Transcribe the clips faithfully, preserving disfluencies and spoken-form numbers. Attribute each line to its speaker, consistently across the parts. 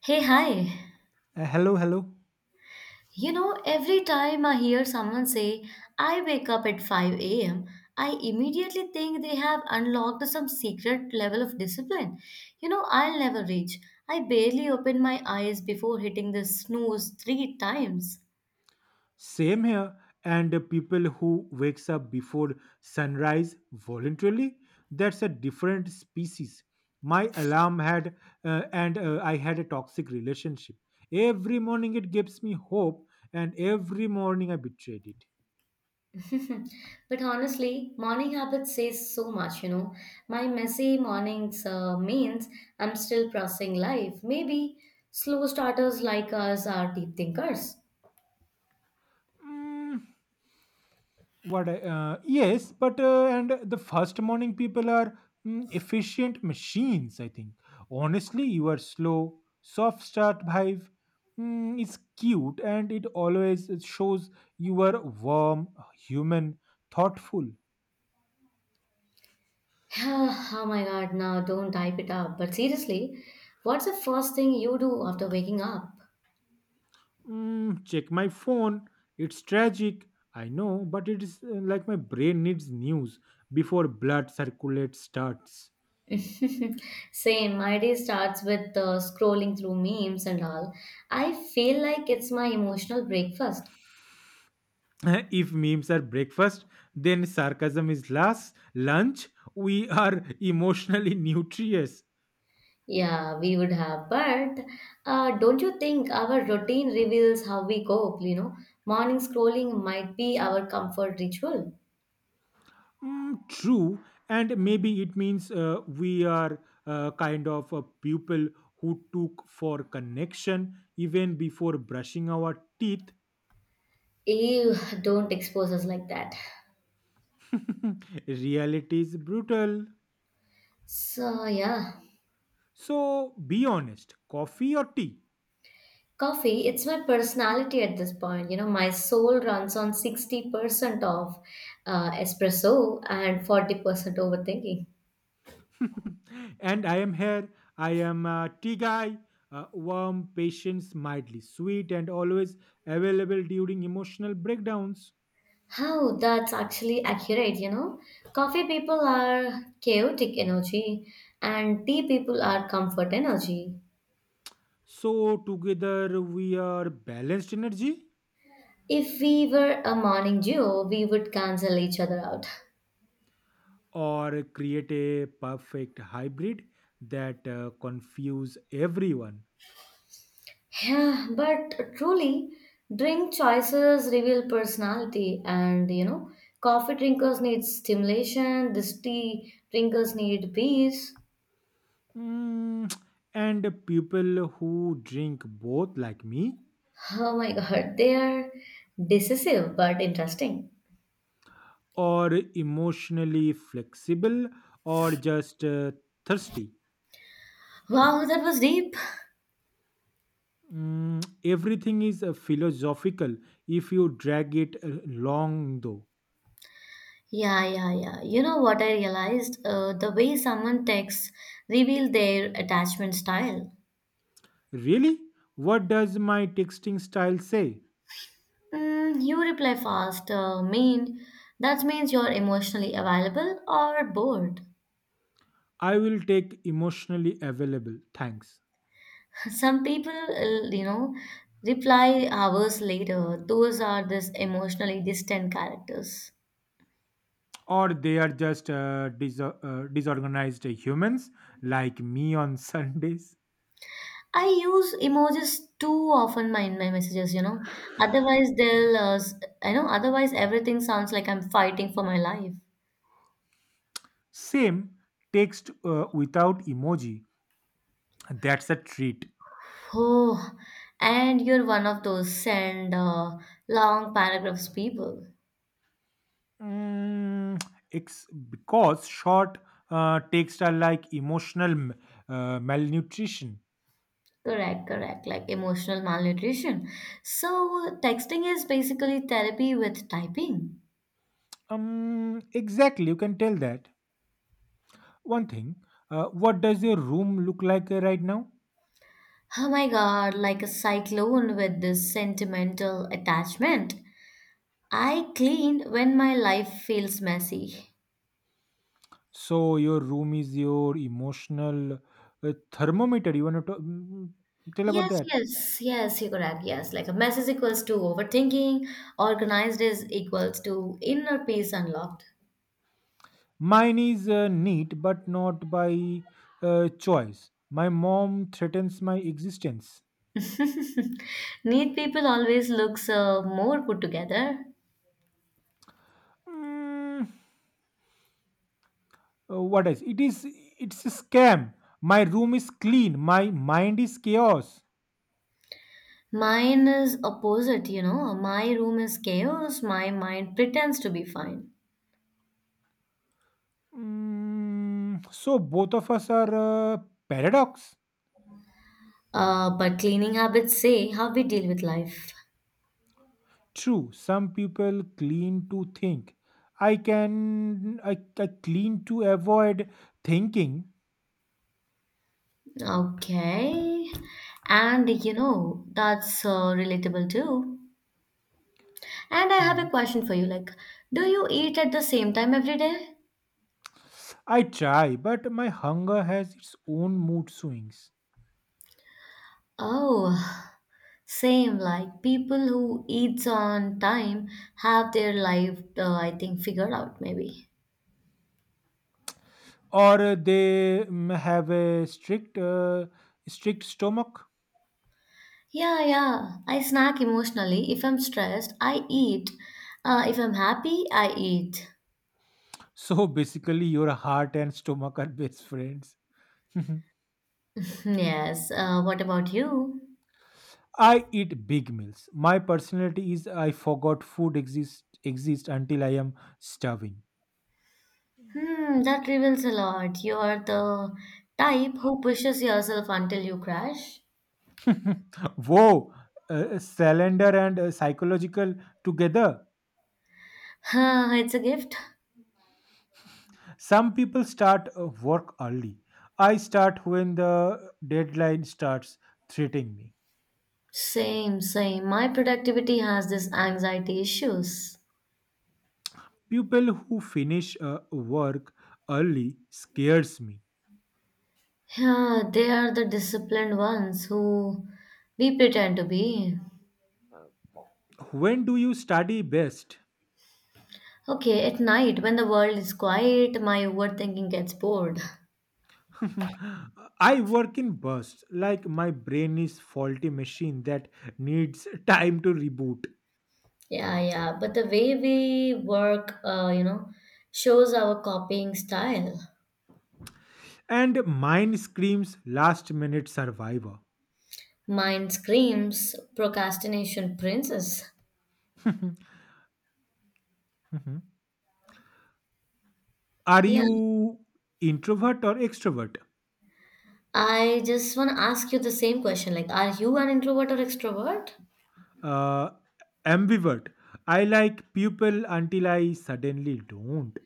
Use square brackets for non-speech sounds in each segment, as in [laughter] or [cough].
Speaker 1: Hey, hi.
Speaker 2: Uh, hello, hello.
Speaker 1: You know, every time I hear someone say, I wake up at five a m, I immediately think they have unlocked some secret level of discipline. You know, I'll never reach. I barely open my eyes before hitting the snooze three times.
Speaker 2: Same here. And the people who wakes up before sunrise voluntarily, that's a different species. My alarm had, uh, and uh, I had a toxic relationship. Every morning it gives me hope, and every morning I betrayed it.
Speaker 1: But honestly, morning habits says so much, you know. My messy mornings uh, means I'm still processing life. Maybe slow starters like us are deep thinkers.
Speaker 2: Mm, What? I- Uh, yes, but uh, and the first morning people are mm, efficient machines. I think honestly, you are slow, soft start vibe. Mm, it's cute, and it always shows you are warm, human, thoughtful.
Speaker 1: [sighs] Oh my god, now don't type it up. But seriously, what's the first thing you do after waking up?
Speaker 2: Mm, check my phone. It's tragic. I know, but it is uh, like my brain needs news before blood circulate starts.
Speaker 1: Same, my day starts with uh, scrolling through memes and all. I feel like it's my emotional breakfast.
Speaker 2: [laughs] If memes are breakfast, then sarcasm is last lunch. We are emotionally [laughs] nutritious.
Speaker 1: Yeah, we would have, but uh, don't you think our routine reveals how we cope? You know, morning scrolling might be our comfort ritual.
Speaker 2: Mm, true, and maybe it means uh, we are uh, kind of a people who took for connection even before brushing our teeth.
Speaker 1: Ew, don't expose us like that.
Speaker 2: [laughs] Reality is brutal.
Speaker 1: So, yeah.
Speaker 2: So be honest, coffee or tea?
Speaker 1: Coffee, it's my personality at this point. You know, my soul runs on sixty percent of uh, espresso and forty percent overthinking.
Speaker 2: [laughs] And I am here. I am a tea guy, uh, warm, patient, mildly sweet, and always available during emotional breakdowns.
Speaker 1: How that's actually accurate, you know? Coffee people are chaotic energy and tea people are comfort energy.
Speaker 2: So, together we are balanced energy,
Speaker 1: If we were a morning duo, we would cancel each other out.
Speaker 2: or create a perfect hybrid that uh, confuse everyone.
Speaker 1: Yeah, but truly, drink choices reveal personality, and you know, coffee drinkers need stimulation, this tea drinkers need peace.
Speaker 2: Mm, [tsk] and people who drink both, like me,
Speaker 1: Oh my god, they are decisive but interesting.
Speaker 2: or emotionally flexible or just uh, thirsty.
Speaker 1: Wow, that was deep.
Speaker 2: Mm, everything is uh, philosophical if you drag it uh, long, though.
Speaker 1: Yeah, yeah, yeah. You know what I realized? Uh, the way someone texts reveal their attachment style.
Speaker 2: Really? What does my texting style say?
Speaker 1: Mm, you reply fast, uh, mean. That means you're emotionally available or bored.
Speaker 2: I will take emotionally available, thanks.
Speaker 1: Some people, uh, you know, reply hours later. Those are these emotionally distant characters.
Speaker 2: Or they are just uh, dis- uh, disorganized humans like me on [laughs] Sundays.
Speaker 1: I use emojis too often my- in my messages, you know. Otherwise, they'll, uh, s- I know, otherwise, everything sounds like I'm fighting for my life.
Speaker 2: Same, text uh, without emoji. That's a treat.
Speaker 1: Oh, and you're one of those send uh, long paragraphs people.
Speaker 2: Mm, ex- because short uh, texts are like emotional m- uh, malnutrition.
Speaker 1: Correct, correct, like emotional malnutrition. So, texting is basically therapy with typing.
Speaker 2: Um, exactly. You can tell that. One thing, uh, what does your room look like uh, right now?
Speaker 1: Oh my god, like a cyclone with this sentimental attachment. I cleaned when my life feels messy.
Speaker 2: So your room is your emotional uh, thermometer. You want to mm, mm, tell about
Speaker 1: Yes,
Speaker 2: that?
Speaker 1: yes, yes, you could have. Yes, like a mess is equals to overthinking, organized is equals to inner peace unlocked.
Speaker 2: Mine is uh, neat, but not by uh, choice. My mom threatens my existence.
Speaker 1: Neat people always looks uh, more put together.
Speaker 2: Mm, uh, what else? It is. It's a scam. My room is clean. My mind is chaos.
Speaker 1: Mine is opposite, you know. My room is chaos, my mind pretends to be fine.
Speaker 2: Mm, so both of us are uh, paradox.
Speaker 1: Uh, but cleaning habits say how we deal with life.
Speaker 2: True, some people clean to think. I can I, I clean to avoid thinking.
Speaker 1: Okay. And you know, that's uh, relatable too. And I have
Speaker 2: Hmm.
Speaker 1: a question for you like, do you eat at the same time every day?
Speaker 2: I try, but my hunger has its own mood swings.
Speaker 1: Oh, same. Like, people who eats on time have their life, uh, I think, figured out maybe.
Speaker 2: Or uh, they mm, have a strict uh, strict stomach. [laughs]
Speaker 1: Yeah, yeah. I snack emotionally. If I'm stressed, I eat. Uh, if I'm happy, I eat.
Speaker 2: So basically, your heart and stomach are best friends.
Speaker 1: [laughs] Yes. Uh, what about you?
Speaker 2: [laughs] I eat big meals. My personality is I forgot food exists exist until I am starving.
Speaker 1: Hmm, that reveals a lot. You're the type who pushes yourself until you crash.
Speaker 2: [laughs] Whoa, uh, calendar and uh, psychological together.
Speaker 1: Huh, it's a gift.
Speaker 2: Some people start uh, work early. I start when the deadline starts threatening me.
Speaker 1: Same, same. My productivity has this anxiety issues.
Speaker 2: People who finish uh, work early scares me.
Speaker 1: Yeah, they are the disciplined ones who we pretend to be.
Speaker 2: When do you study best?
Speaker 1: Okay, at night when the world is quiet, my overthinking gets bored.
Speaker 2: [laughs] I work in bursts, like my brain is faulty machine that needs time to reboot,
Speaker 1: Yeah, yeah, but the way we work, uh, you know, shows our copying style.
Speaker 2: and mine screams last minute survivor.
Speaker 1: Mine screams procrastination princess.
Speaker 2: [laughs] Are
Speaker 1: Yeah.
Speaker 2: you introvert or extrovert?
Speaker 1: I just want to ask you the same question like, are you an introvert or extrovert?
Speaker 2: Uh, Ambivert. I like people until I suddenly don't.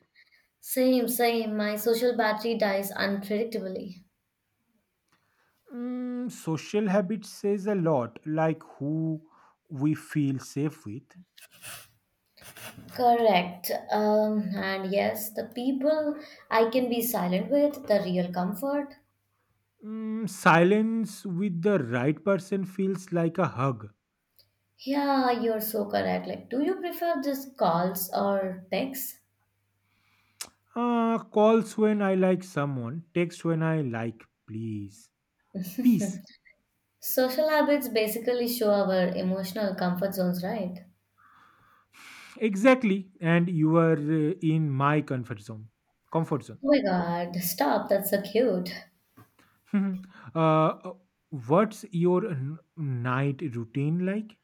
Speaker 1: Same, same. My social battery dies unpredictably.
Speaker 2: Mm, social habits says a lot, like who we feel safe with.
Speaker 1: Correct. Um, and yes, the people I can be silent with, the real comfort.
Speaker 2: Mm, silence with the right person feels like a hug.
Speaker 1: Yeah, you're so correct. Like, do you prefer just calls or texts?
Speaker 2: Uh, calls when I like someone, text when I like please. Peace.
Speaker 1: Social habits basically show our emotional comfort zones, right?
Speaker 2: Exactly. And you are uh, in my comfort zone. Comfort zone.
Speaker 1: Oh my god, stop, that's so cute.
Speaker 2: [laughs] Mhm. Uh, uh, what's your n- night routine like?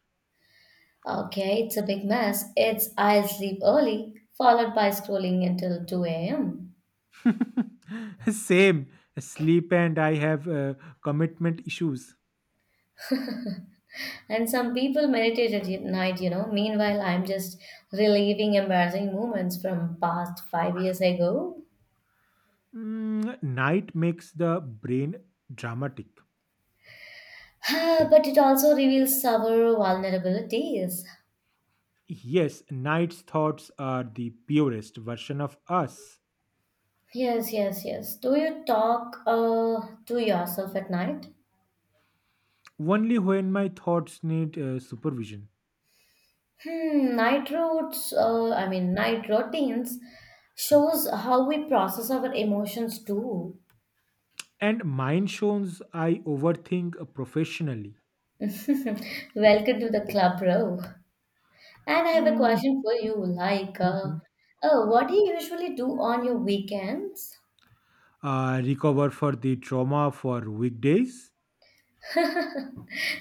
Speaker 1: Okay, it's a big mess. It's I sleep early, followed by scrolling until two a m.
Speaker 2: [laughs] Same. Sleep and I have uh, commitment issues.
Speaker 1: And some people meditate at night, you know. Meanwhile, I'm just reliving embarrassing moments from past five years ago.
Speaker 2: Mm, night makes the brain dramatic.
Speaker 1: [sighs] But it also reveals our vulnerabilities.
Speaker 2: Yes, night's thoughts are the purest version of us.
Speaker 1: Yes, yes, yes. Do you talk uh, to yourself at night?
Speaker 2: Only when my thoughts need uh, supervision.
Speaker 1: Hmm, night routes, uh, I mean, night routines shows how we process our emotions too.
Speaker 2: And mine shows I overthink professionally.
Speaker 1: Welcome to the club, bro. And I have a
Speaker 2: Mm,
Speaker 1: question for you, like, uh,
Speaker 2: mhm.
Speaker 1: oh, what do you usually do on your weekends?
Speaker 2: Uh, recover for the trauma for weekdays.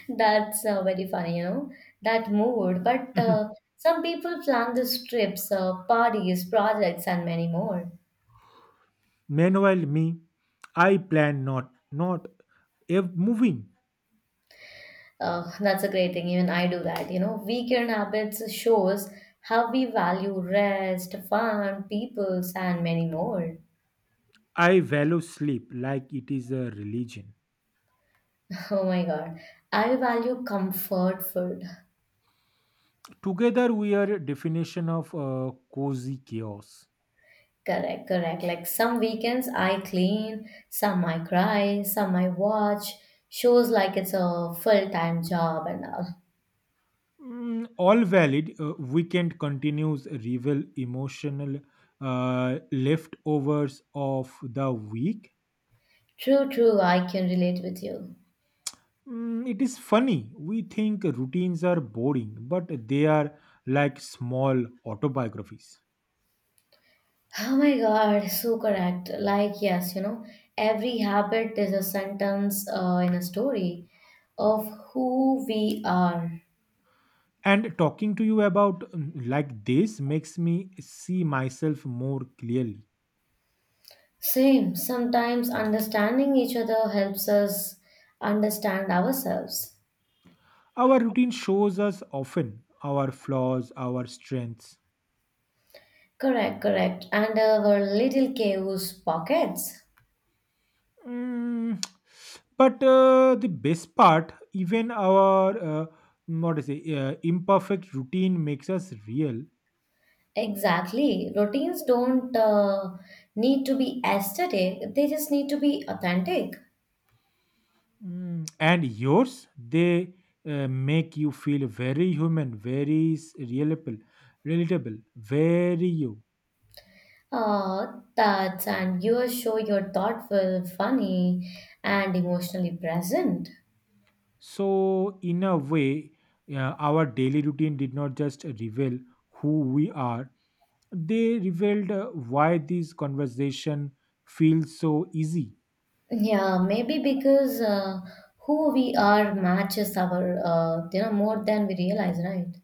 Speaker 1: That's uh, very funny, you know, that mood. But uh,
Speaker 2: [laughs]
Speaker 1: Some people plan these trips, uh, parties, projects, and many more.
Speaker 2: Meanwhile, me, I plan not, not ev- moving.
Speaker 1: Uh, that's a great thing. Even I do that. You know, weekend habits shows how we value rest, fun, peoples, and many more. [laughs]
Speaker 2: I value sleep like it is a religion.
Speaker 1: Oh my God. I value comfort food.
Speaker 2: Together, we are a definition of uh, cozy chaos.
Speaker 1: Correct, correct. Like some weekends I clean, some I cry, some I watch. Shows like it's a full-time job and all.
Speaker 2: Mm, all valid. Uh, weekend continues reveal emotional uh, leftovers of the week.
Speaker 1: True, true. I can relate with you.
Speaker 2: Mm, it is funny. We think routines are boring, but they are like small autobiographies.
Speaker 1: Oh my God, so correct. Like, yes, you know, every habit is a sentence uh, in a story of who we are.
Speaker 2: And talking to you about um, like this makes me see myself more clearly.
Speaker 1: Same, sometimes understanding each other helps us understand ourselves.
Speaker 2: Our routine shows us often our flaws, our strengths.
Speaker 1: Correct, correct. And our little chaos pockets.
Speaker 2: Mm, [tsk] but uh, the best part, even our uh, what to say, uh, imperfect routine makes us real.
Speaker 1: Exactly. Routines don't uh, need to be aesthetic, they just need to be authentic.
Speaker 2: Mm, and yours, they uh, make you feel very human, very s- relatable, relatable, very you.
Speaker 1: Ah, that's and you show you're thoughtful, funny, and emotionally present.
Speaker 2: So, in a way, uh, our daily routine did not just reveal who we are, they revealed uh, why this conversation feels so easy. [laughs]
Speaker 1: Yeah, maybe because uh, who we are matches our, uh, you know, more than we realize, right?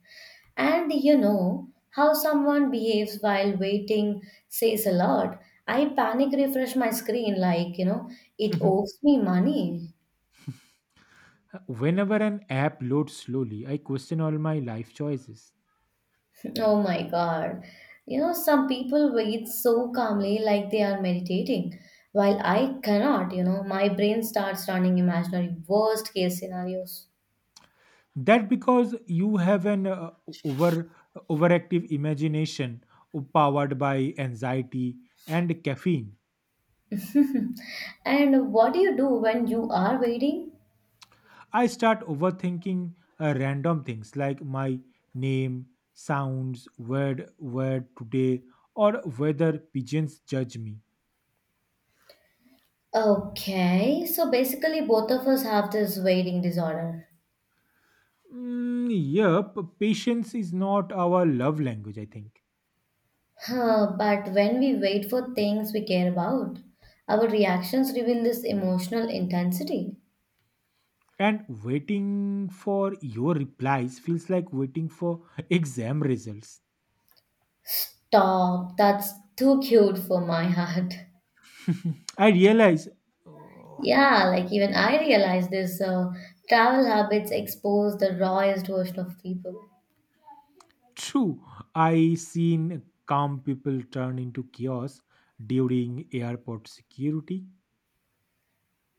Speaker 1: And you know, how someone behaves while waiting says a lot. I panic refresh my screen like, you know, it
Speaker 2: Mhm.
Speaker 1: owes me money.
Speaker 2: Whenever an app loads slowly, I question all my life choices.
Speaker 1: Oh my God. You know, some people wait so calmly like they are meditating, while I cannot, you know, my brain starts running imaginary worst case scenarios.
Speaker 2: That because you have an uh, over overactive imagination powered by anxiety and caffeine.
Speaker 1: And what do you do when you are waiting?
Speaker 2: I start overthinking uh, random things like my name, sounds, word, word today, or whether pigeons judge me.
Speaker 1: Okay, so basically, both of us have this waiting disorder.
Speaker 2: Mm, yep, patience is not our love language, I think.
Speaker 1: Huh, but when we wait for things we care about, our reactions reveal this emotional intensity.
Speaker 2: And waiting for your replies feels like waiting for [laughs] exam results.
Speaker 1: Stop, that's too cute for my [laughs] heart.
Speaker 2: I realize.
Speaker 1: Yeah, like even I realize this uh, travel habits expose the rawest version of people.
Speaker 2: True, I seen calm people turn into chaos during airport security.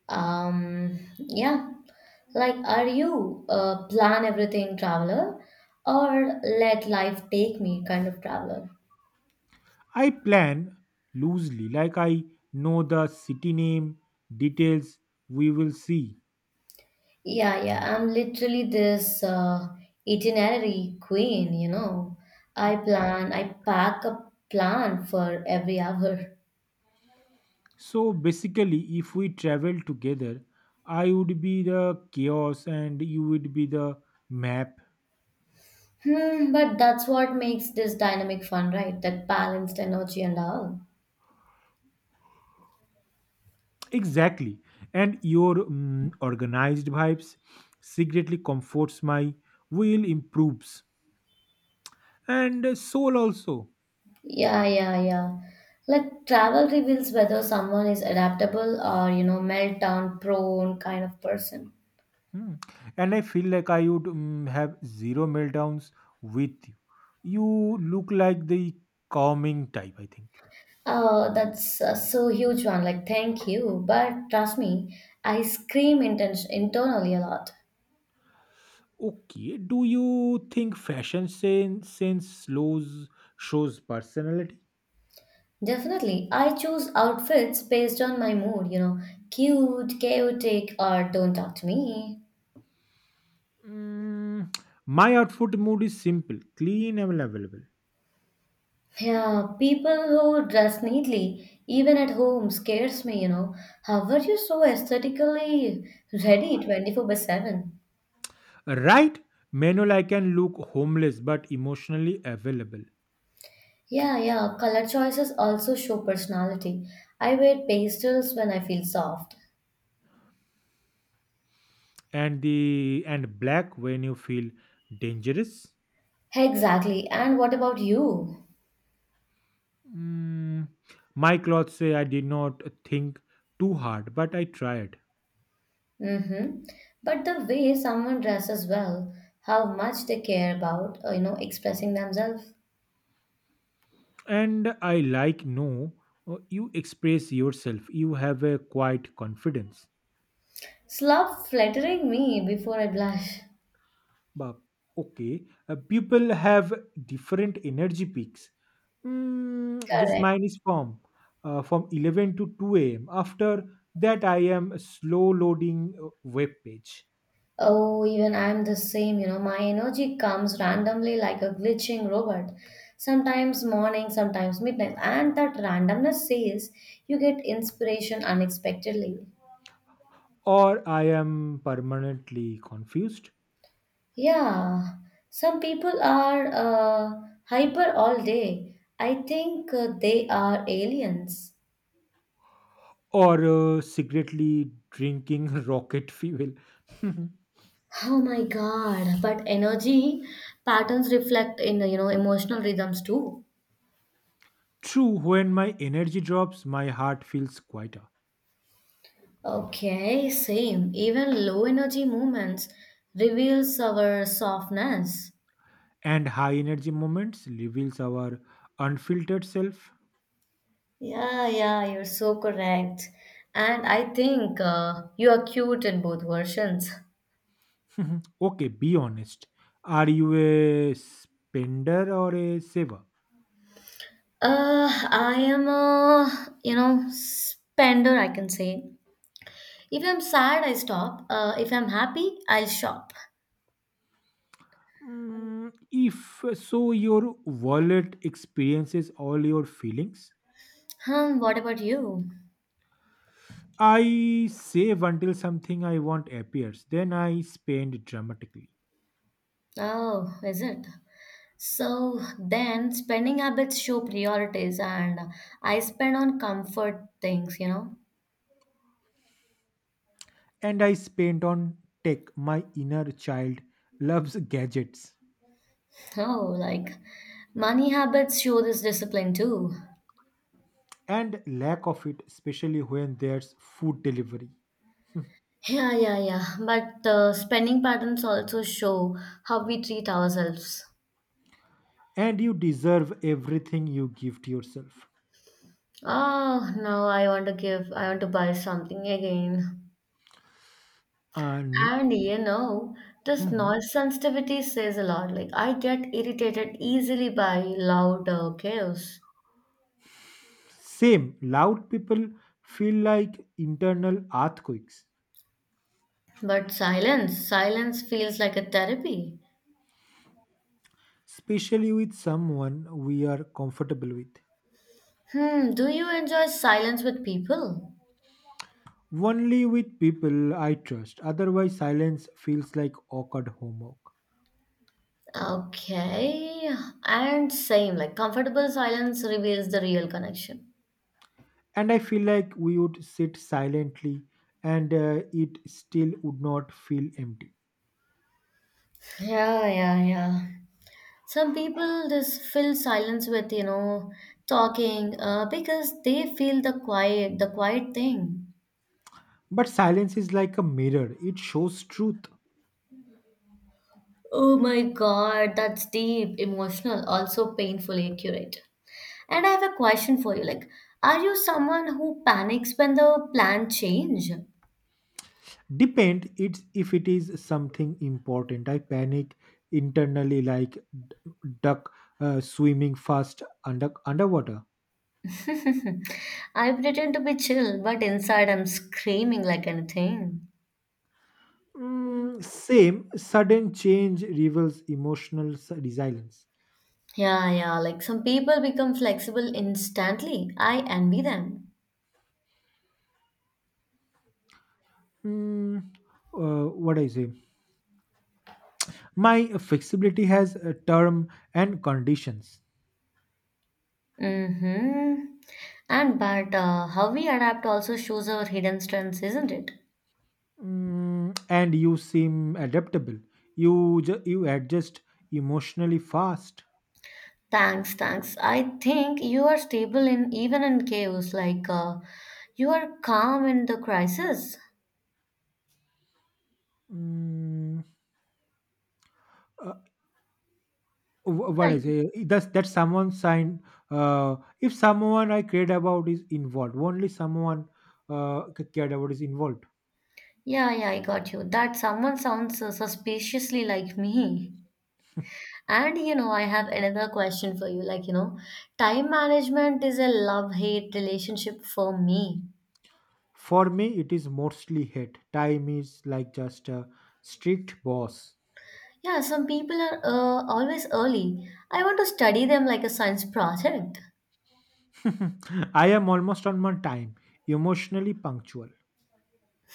Speaker 1: Um, yeah, like are you a plan everything traveler or let life take me kind of traveler?
Speaker 2: I plan loosely, like I know the city name, details we will see.
Speaker 1: Yeah, yeah, I'm literally this uh, itinerary queen, you know.
Speaker 2: Uh,
Speaker 1: I plan, I pack a plan for every hour.
Speaker 2: So basically, if we travel together, I would be the chaos and you would be the map.
Speaker 1: Hmm, but that's what makes this dynamic fun, right? That balanced energy and all.
Speaker 2: Exactly. And your mm, organized vibes secretly comforts my will improves. And soul also.
Speaker 1: Yeah, yeah, yeah. Like travel reveals whether someone is adaptable or, you know, meltdown prone kind of person.
Speaker 2: Hmm. And I feel like I would mm, have zero meltdowns with you. You look like the calming type, I think.
Speaker 1: Oh, that's uh, so huge one. Like, thank you. But trust me, I scream inten- internally a lot.
Speaker 2: Okay, do you think fashion sense, sense slows shows personality?
Speaker 1: Definitely. I choose outfits based on my mood, you know, cute, chaotic, or don't talk to me.
Speaker 2: Mm, my outfit mood is simple, clean and available.
Speaker 1: Yeah, people who dress neatly, even at home, scares me, you know. How are you so aesthetically ready twenty-four by seven?
Speaker 2: Right? Manual I can look homeless but emotionally available.
Speaker 1: Yeah, yeah, color choices also show personality. I wear pastels when I feel soft.
Speaker 2: And the and black when you feel dangerous.
Speaker 1: Exactly, and what about you?
Speaker 2: Mm, my clothes say I did not think too hard, but I tried.
Speaker 1: Mm-hmm. But the way someone dresses well, how much they care about, uh, you know, expressing themselves.
Speaker 2: And I like no, uh, you express yourself. You have a quiet confidence.
Speaker 1: Stop flattering me before I blush.
Speaker 2: But okay, uh, people have different energy peaks. Mm, this
Speaker 1: Correct.
Speaker 2: mine is from uh, from eleven to two a m. After that, I am slow loading uh, web page,
Speaker 1: Oh, even I'm the same, you know. My energy comes randomly like a glitching robot. Sometimes morning, sometimes midnight. And that randomness says you get inspiration unexpectedly.
Speaker 2: or I am permanently confused.
Speaker 1: Yeah, some people are uh, hyper all day. I think uh, they are aliens.
Speaker 2: Or uh, secretly drinking [laughs] rocket fuel.
Speaker 1: Oh my god, but energy patterns reflect in, you know, emotional rhythms too.
Speaker 2: [laughs] True, when my energy drops, my heart feels quieter,
Speaker 1: Okay, same. Even low energy movements reveals our softness.
Speaker 2: and high energy moments reveals our unfiltered self.
Speaker 1: Yeah, yeah, you're so correct. And I think uh, you are cute in both versions.
Speaker 2: Okay, be honest. Are you a spender or a saver?
Speaker 1: Uh, I am a, you know, spender, I can say. If I'm sad, I stop. Uh, if I'm happy, I'll shop.
Speaker 2: Mm, if so, your wallet experiences all your feelings.
Speaker 1: Hmm, what about you?
Speaker 2: I save until something I want appears, then I spend dramatically.
Speaker 1: Oh, is it? So then spending habits show priorities and I spend on comfort things, you know.
Speaker 2: And I spent on tech. My inner child loves gadgets
Speaker 1: Oh, like money habits show this discipline too.
Speaker 2: and lack of it, especially when there's food delivery.
Speaker 1: Yeah, yeah, yeah. But uh, Spending patterns also show how we treat ourselves.
Speaker 2: And you deserve everything you give to yourself.
Speaker 1: Oh, now I want to give, I want to buy something again.
Speaker 2: And
Speaker 1: And you know, this
Speaker 2: mhm.
Speaker 1: noise sensitivity says a lot. Like, I get irritated easily by loud uh, chaos.
Speaker 2: Same, loud people feel like internal earthquakes,
Speaker 1: But silence, silence feels like a therapy.
Speaker 2: especially with someone we are comfortable with.
Speaker 1: Hmm, do you enjoy silence with people?
Speaker 2: Only with people I trust, otherwise, silence feels like awkward homework.
Speaker 1: Okay, and same, like comfortable silence reveals the real connection.
Speaker 2: And I feel like we would sit silently and uh, it still would not feel empty.
Speaker 1: Yeah, yeah, yeah. Some people just fill silence with, you know, talking, uh, because they feel the quiet, the quiet thing.
Speaker 2: But silence is like a mirror, it shows truth.
Speaker 1: Oh my God, that's deep, emotional, also painfully accurate. And I have a question for you. Like, are you someone who panics when the plan change?
Speaker 2: Depend it's if it is something important, I panic internally like d- duck uh, swimming fast under underwater.
Speaker 1: [laughs] I pretend to be chill, but inside I'm screaming like anything.
Speaker 2: Mm, same, sudden change reveals emotional s- resilience.
Speaker 1: Yeah, yeah. Like some people become flexible instantly. I envy them.
Speaker 2: Mm, uh, what I say, my flexibility has a term and conditions.
Speaker 1: Mm-hmm. And but uh, How we adapt also shows our hidden strengths, isn't it?
Speaker 2: Mm, and you seem adaptable. You ju- you adjust emotionally fast.
Speaker 1: Thanks, thanks. I think you are stable in even in chaos. Like uh, you are calm in the crisis.
Speaker 2: Mm, uh, wh- what is
Speaker 1: Right.
Speaker 2: it? That's that's someone sign. Uh, if someone I cared about is involved, only someone uh, c- cared about is involved.
Speaker 1: Yeah, yeah, I got you. That someone sounds uh, suspiciously like me. And you know, I have another question for you. Like, you know, time management is a love-hate relationship for me.
Speaker 2: For me, it is mostly hate. Time is like just a strict boss.
Speaker 1: Yeah, some people are uh, always early. I want to study them like a science project.
Speaker 2: [laughs] I am almost on my time, emotionally punctual.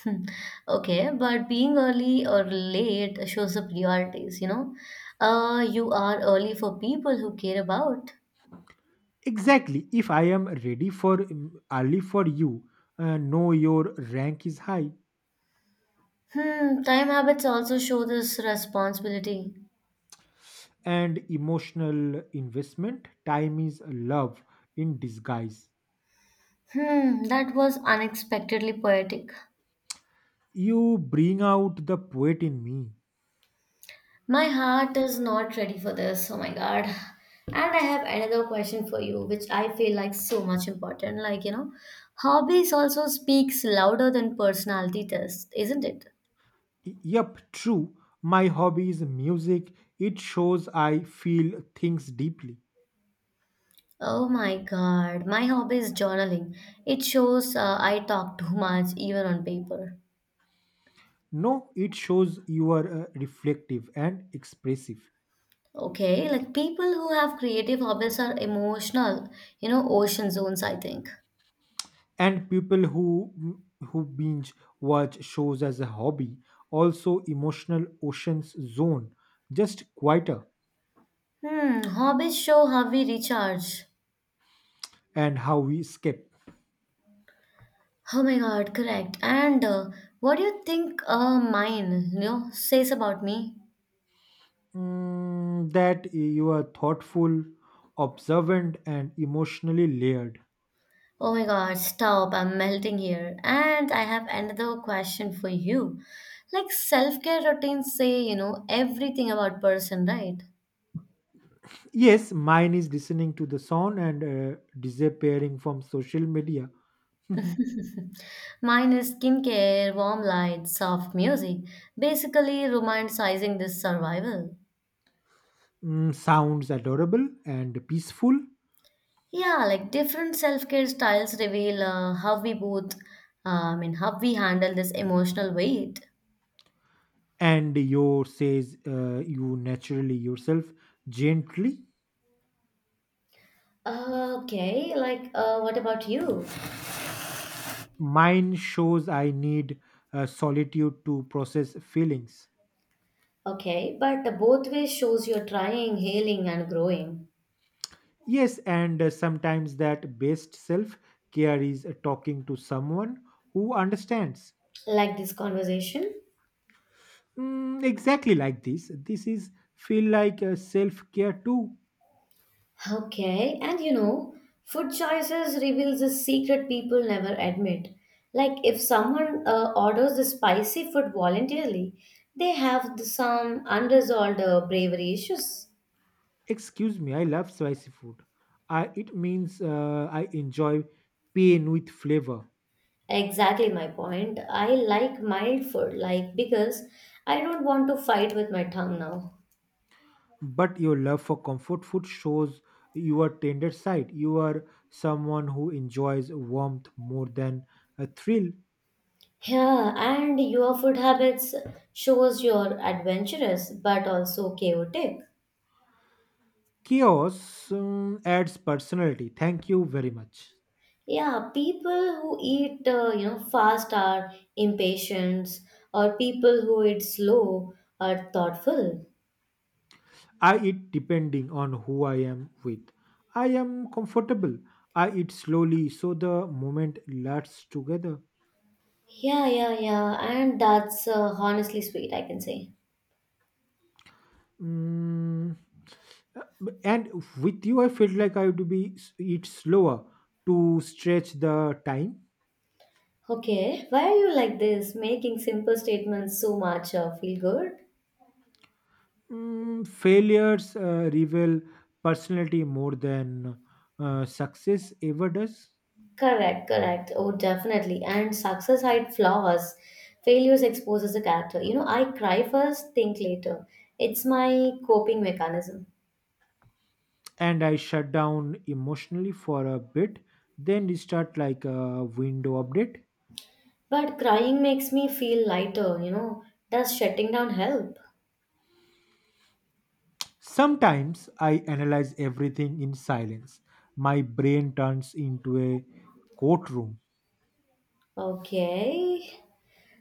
Speaker 1: Hmm. Okay, but being early or late shows the priorities, you know. Uh, you are early for people who care about.
Speaker 2: Exactly. If I am ready for mm, early for you, uh, know your rank is high
Speaker 1: Hmm, time habits also show this responsibility.
Speaker 2: and emotional investment. Time is love in disguise.
Speaker 1: Hmm, that was unexpectedly poetic.
Speaker 2: You bring out the poet in me.
Speaker 1: My heart is not ready for this. Oh my god. And I have another question for you, which I feel like so much important. Like, you know, hobbies also speaks louder than personality test, isn't it?
Speaker 2: Y- Yup, true. My hobby is music. It shows I feel things deeply.
Speaker 1: Oh my god. My hobby is journaling. It shows uh, I talk too much even on paper.
Speaker 2: No, it shows you are uh, reflective and expressive.
Speaker 1: Okay, like people who have creative hobbies are emotional, you know, ocean zones, I think.
Speaker 2: And people who who binge watch shows as a hobby, also emotional oceans zone, just quieter.
Speaker 1: Hmm, hobbies show how we recharge.
Speaker 2: And how we escape.
Speaker 1: Oh my God, correct. And uh, What do you think uh, mine, you know, says about me?
Speaker 2: Mm, that you are thoughtful, observant and emotionally layered.
Speaker 1: Oh my God, stop, I'm melting here. And I have another question for you. Like self-care routines say, you know, everything about person, right?
Speaker 2: Yes, mine is listening to the sound and uh, disappearing from social media. Mhm.
Speaker 1: Mine is skincare, warm light, soft music, basically romanticizing this survival.
Speaker 2: Mm, sounds adorable and peaceful.
Speaker 1: Yeah, like different self-care styles reveal uh, how we both, uh, I mean, how we handle this emotional weight.
Speaker 2: And your says uh, you naturally yourself gently.
Speaker 1: Okay, like uh, what about you?
Speaker 2: Mine shows I need uh, solitude to process feelings.
Speaker 1: Okay, but the both ways shows you're trying, healing, and growing.
Speaker 2: Yes, and uh, sometimes that best self care is uh, talking to someone who understands.
Speaker 1: Like this conversation.
Speaker 2: Mm, exactly like this. This is feel like uh, self care too.
Speaker 1: Okay, and you know, food choices reveals a secret people never admit. Like if someone uh, orders the spicy food voluntarily, they have the, some unresolved uh, bravery issues.
Speaker 2: Excuse me, I love spicy food. I, it means uh, I enjoy pain with flavor.
Speaker 1: Exactly my point. I like mild food, like because I don't want to fight with my tongue now.
Speaker 2: But your love for comfort food shows your tender side. You are someone who enjoys warmth more than a thrill.
Speaker 1: Yeah, and your food habits shows you're adventurous but also chaotic.
Speaker 2: Chaos um, adds personality. Thank you very much.
Speaker 1: Yeah, people who eat uh, you know fast are impatient, or people who eat slow are thoughtful.
Speaker 2: I eat depending on who I am with. I am comfortable. I eat slowly so the moment lasts together.
Speaker 1: Yeah, yeah, yeah, and that's uh, honestly sweet, I can say.
Speaker 2: Mm, and with you, I felt like I would be eat slower to stretch the time.
Speaker 1: Okay, why are you like this, making simple statements so much uh, feel good?
Speaker 2: Mm, failures uh, reveal personality more than uh, success ever does.
Speaker 1: Correct, correct. Oh, definitely. And success hides flaws. Failures exposes a character. You know, I cry first, think later. It's my coping mechanism.
Speaker 2: And I shut down emotionally for a bit, then restart like a window update.
Speaker 1: But crying makes me feel lighter, you know. Does shutting down help?
Speaker 2: Sometimes I analyze everything in silence. My brain turns into a courtroom.
Speaker 1: Okay.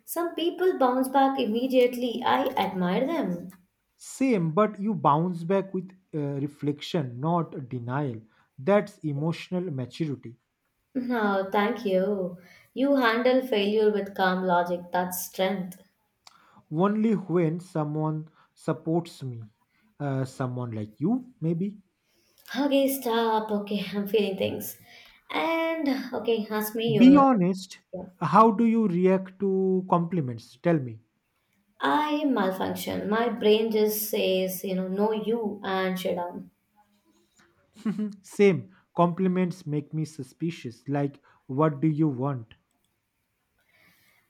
Speaker 1: Some people bounce back immediately. I admire them.
Speaker 2: Same, but you bounce back with uh, reflection, not denial. That's emotional maturity.
Speaker 1: No, thank you. You handle failure with calm logic. That's strength.
Speaker 2: Only when someone supports me, uh, someone like you maybe.
Speaker 1: Okay, stop. Okay, [laughs] I'm feeling things. And okay, ask me
Speaker 2: Be
Speaker 1: your.
Speaker 2: honest, how do you react to compliments? Tell me.
Speaker 1: I malfunction. My brain just says, you know, no, you and shut down.
Speaker 2: Same, compliments make me suspicious like what do you want.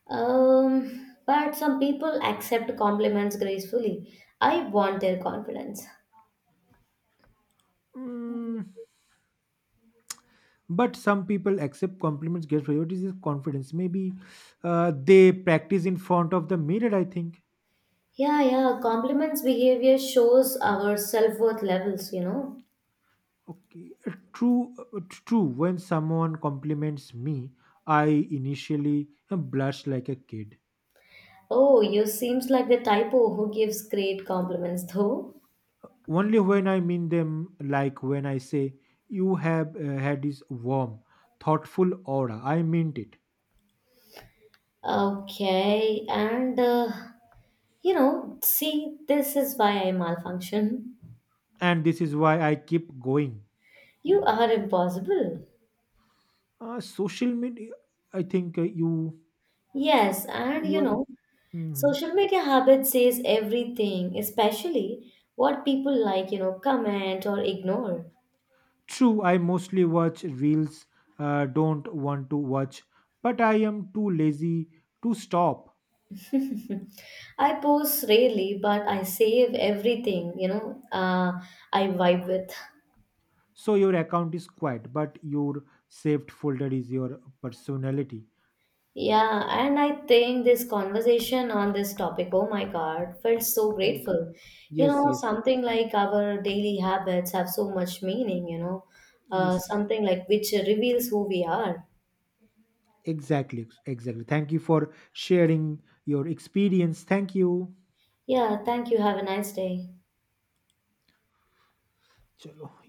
Speaker 1: Um, but some people accept compliments gracefully. I want their confidence.
Speaker 2: Mm, but some people accept compliments, get priorities is confidence maybe, uh, they practice in front of the mirror, I think.
Speaker 1: Yeah, yeah, compliments behavior shows our self worth levels, you know.
Speaker 2: Okay, uh, true uh, true when someone compliments me, I initially uh, blush like a kid.
Speaker 1: Oh, you seems like the typo who gives great compliments, though.
Speaker 2: Only when I mean them, like when I say you have uh, had this warm, thoughtful aura, I meant it.
Speaker 1: Okay, and uh, You know, see, this is why I malfunction.
Speaker 2: And this is why I keep going.
Speaker 1: You are impossible.
Speaker 2: Uh, social media, I think, uh, you
Speaker 1: Yes, and
Speaker 2: you
Speaker 1: you
Speaker 2: are.
Speaker 1: know,
Speaker 2: Mhm.
Speaker 1: social media habit says everything, especially what people like, you know, comment or ignore.
Speaker 2: True. I mostly watch reels. Uh, don't want to watch, but I am too lazy to stop.
Speaker 1: [laughs] I post rarely, but I save everything, you know, uh, I vibe with. [laughs]
Speaker 2: So your account is quiet, but your saved folder is your personality.
Speaker 1: Yeah, and I think this conversation on this topic, oh my God, felt so
Speaker 2: Yes.
Speaker 1: grateful. You
Speaker 2: Yes.
Speaker 1: know,
Speaker 2: Yes.
Speaker 1: something like our daily habits have so much meaning, you know, uh,
Speaker 2: Yes.
Speaker 1: something like which reveals who we are.
Speaker 2: Exactly, exactly. Thank you for sharing your experience. Thank you.
Speaker 1: Yeah, thank you. Have a nice day.
Speaker 2: चलो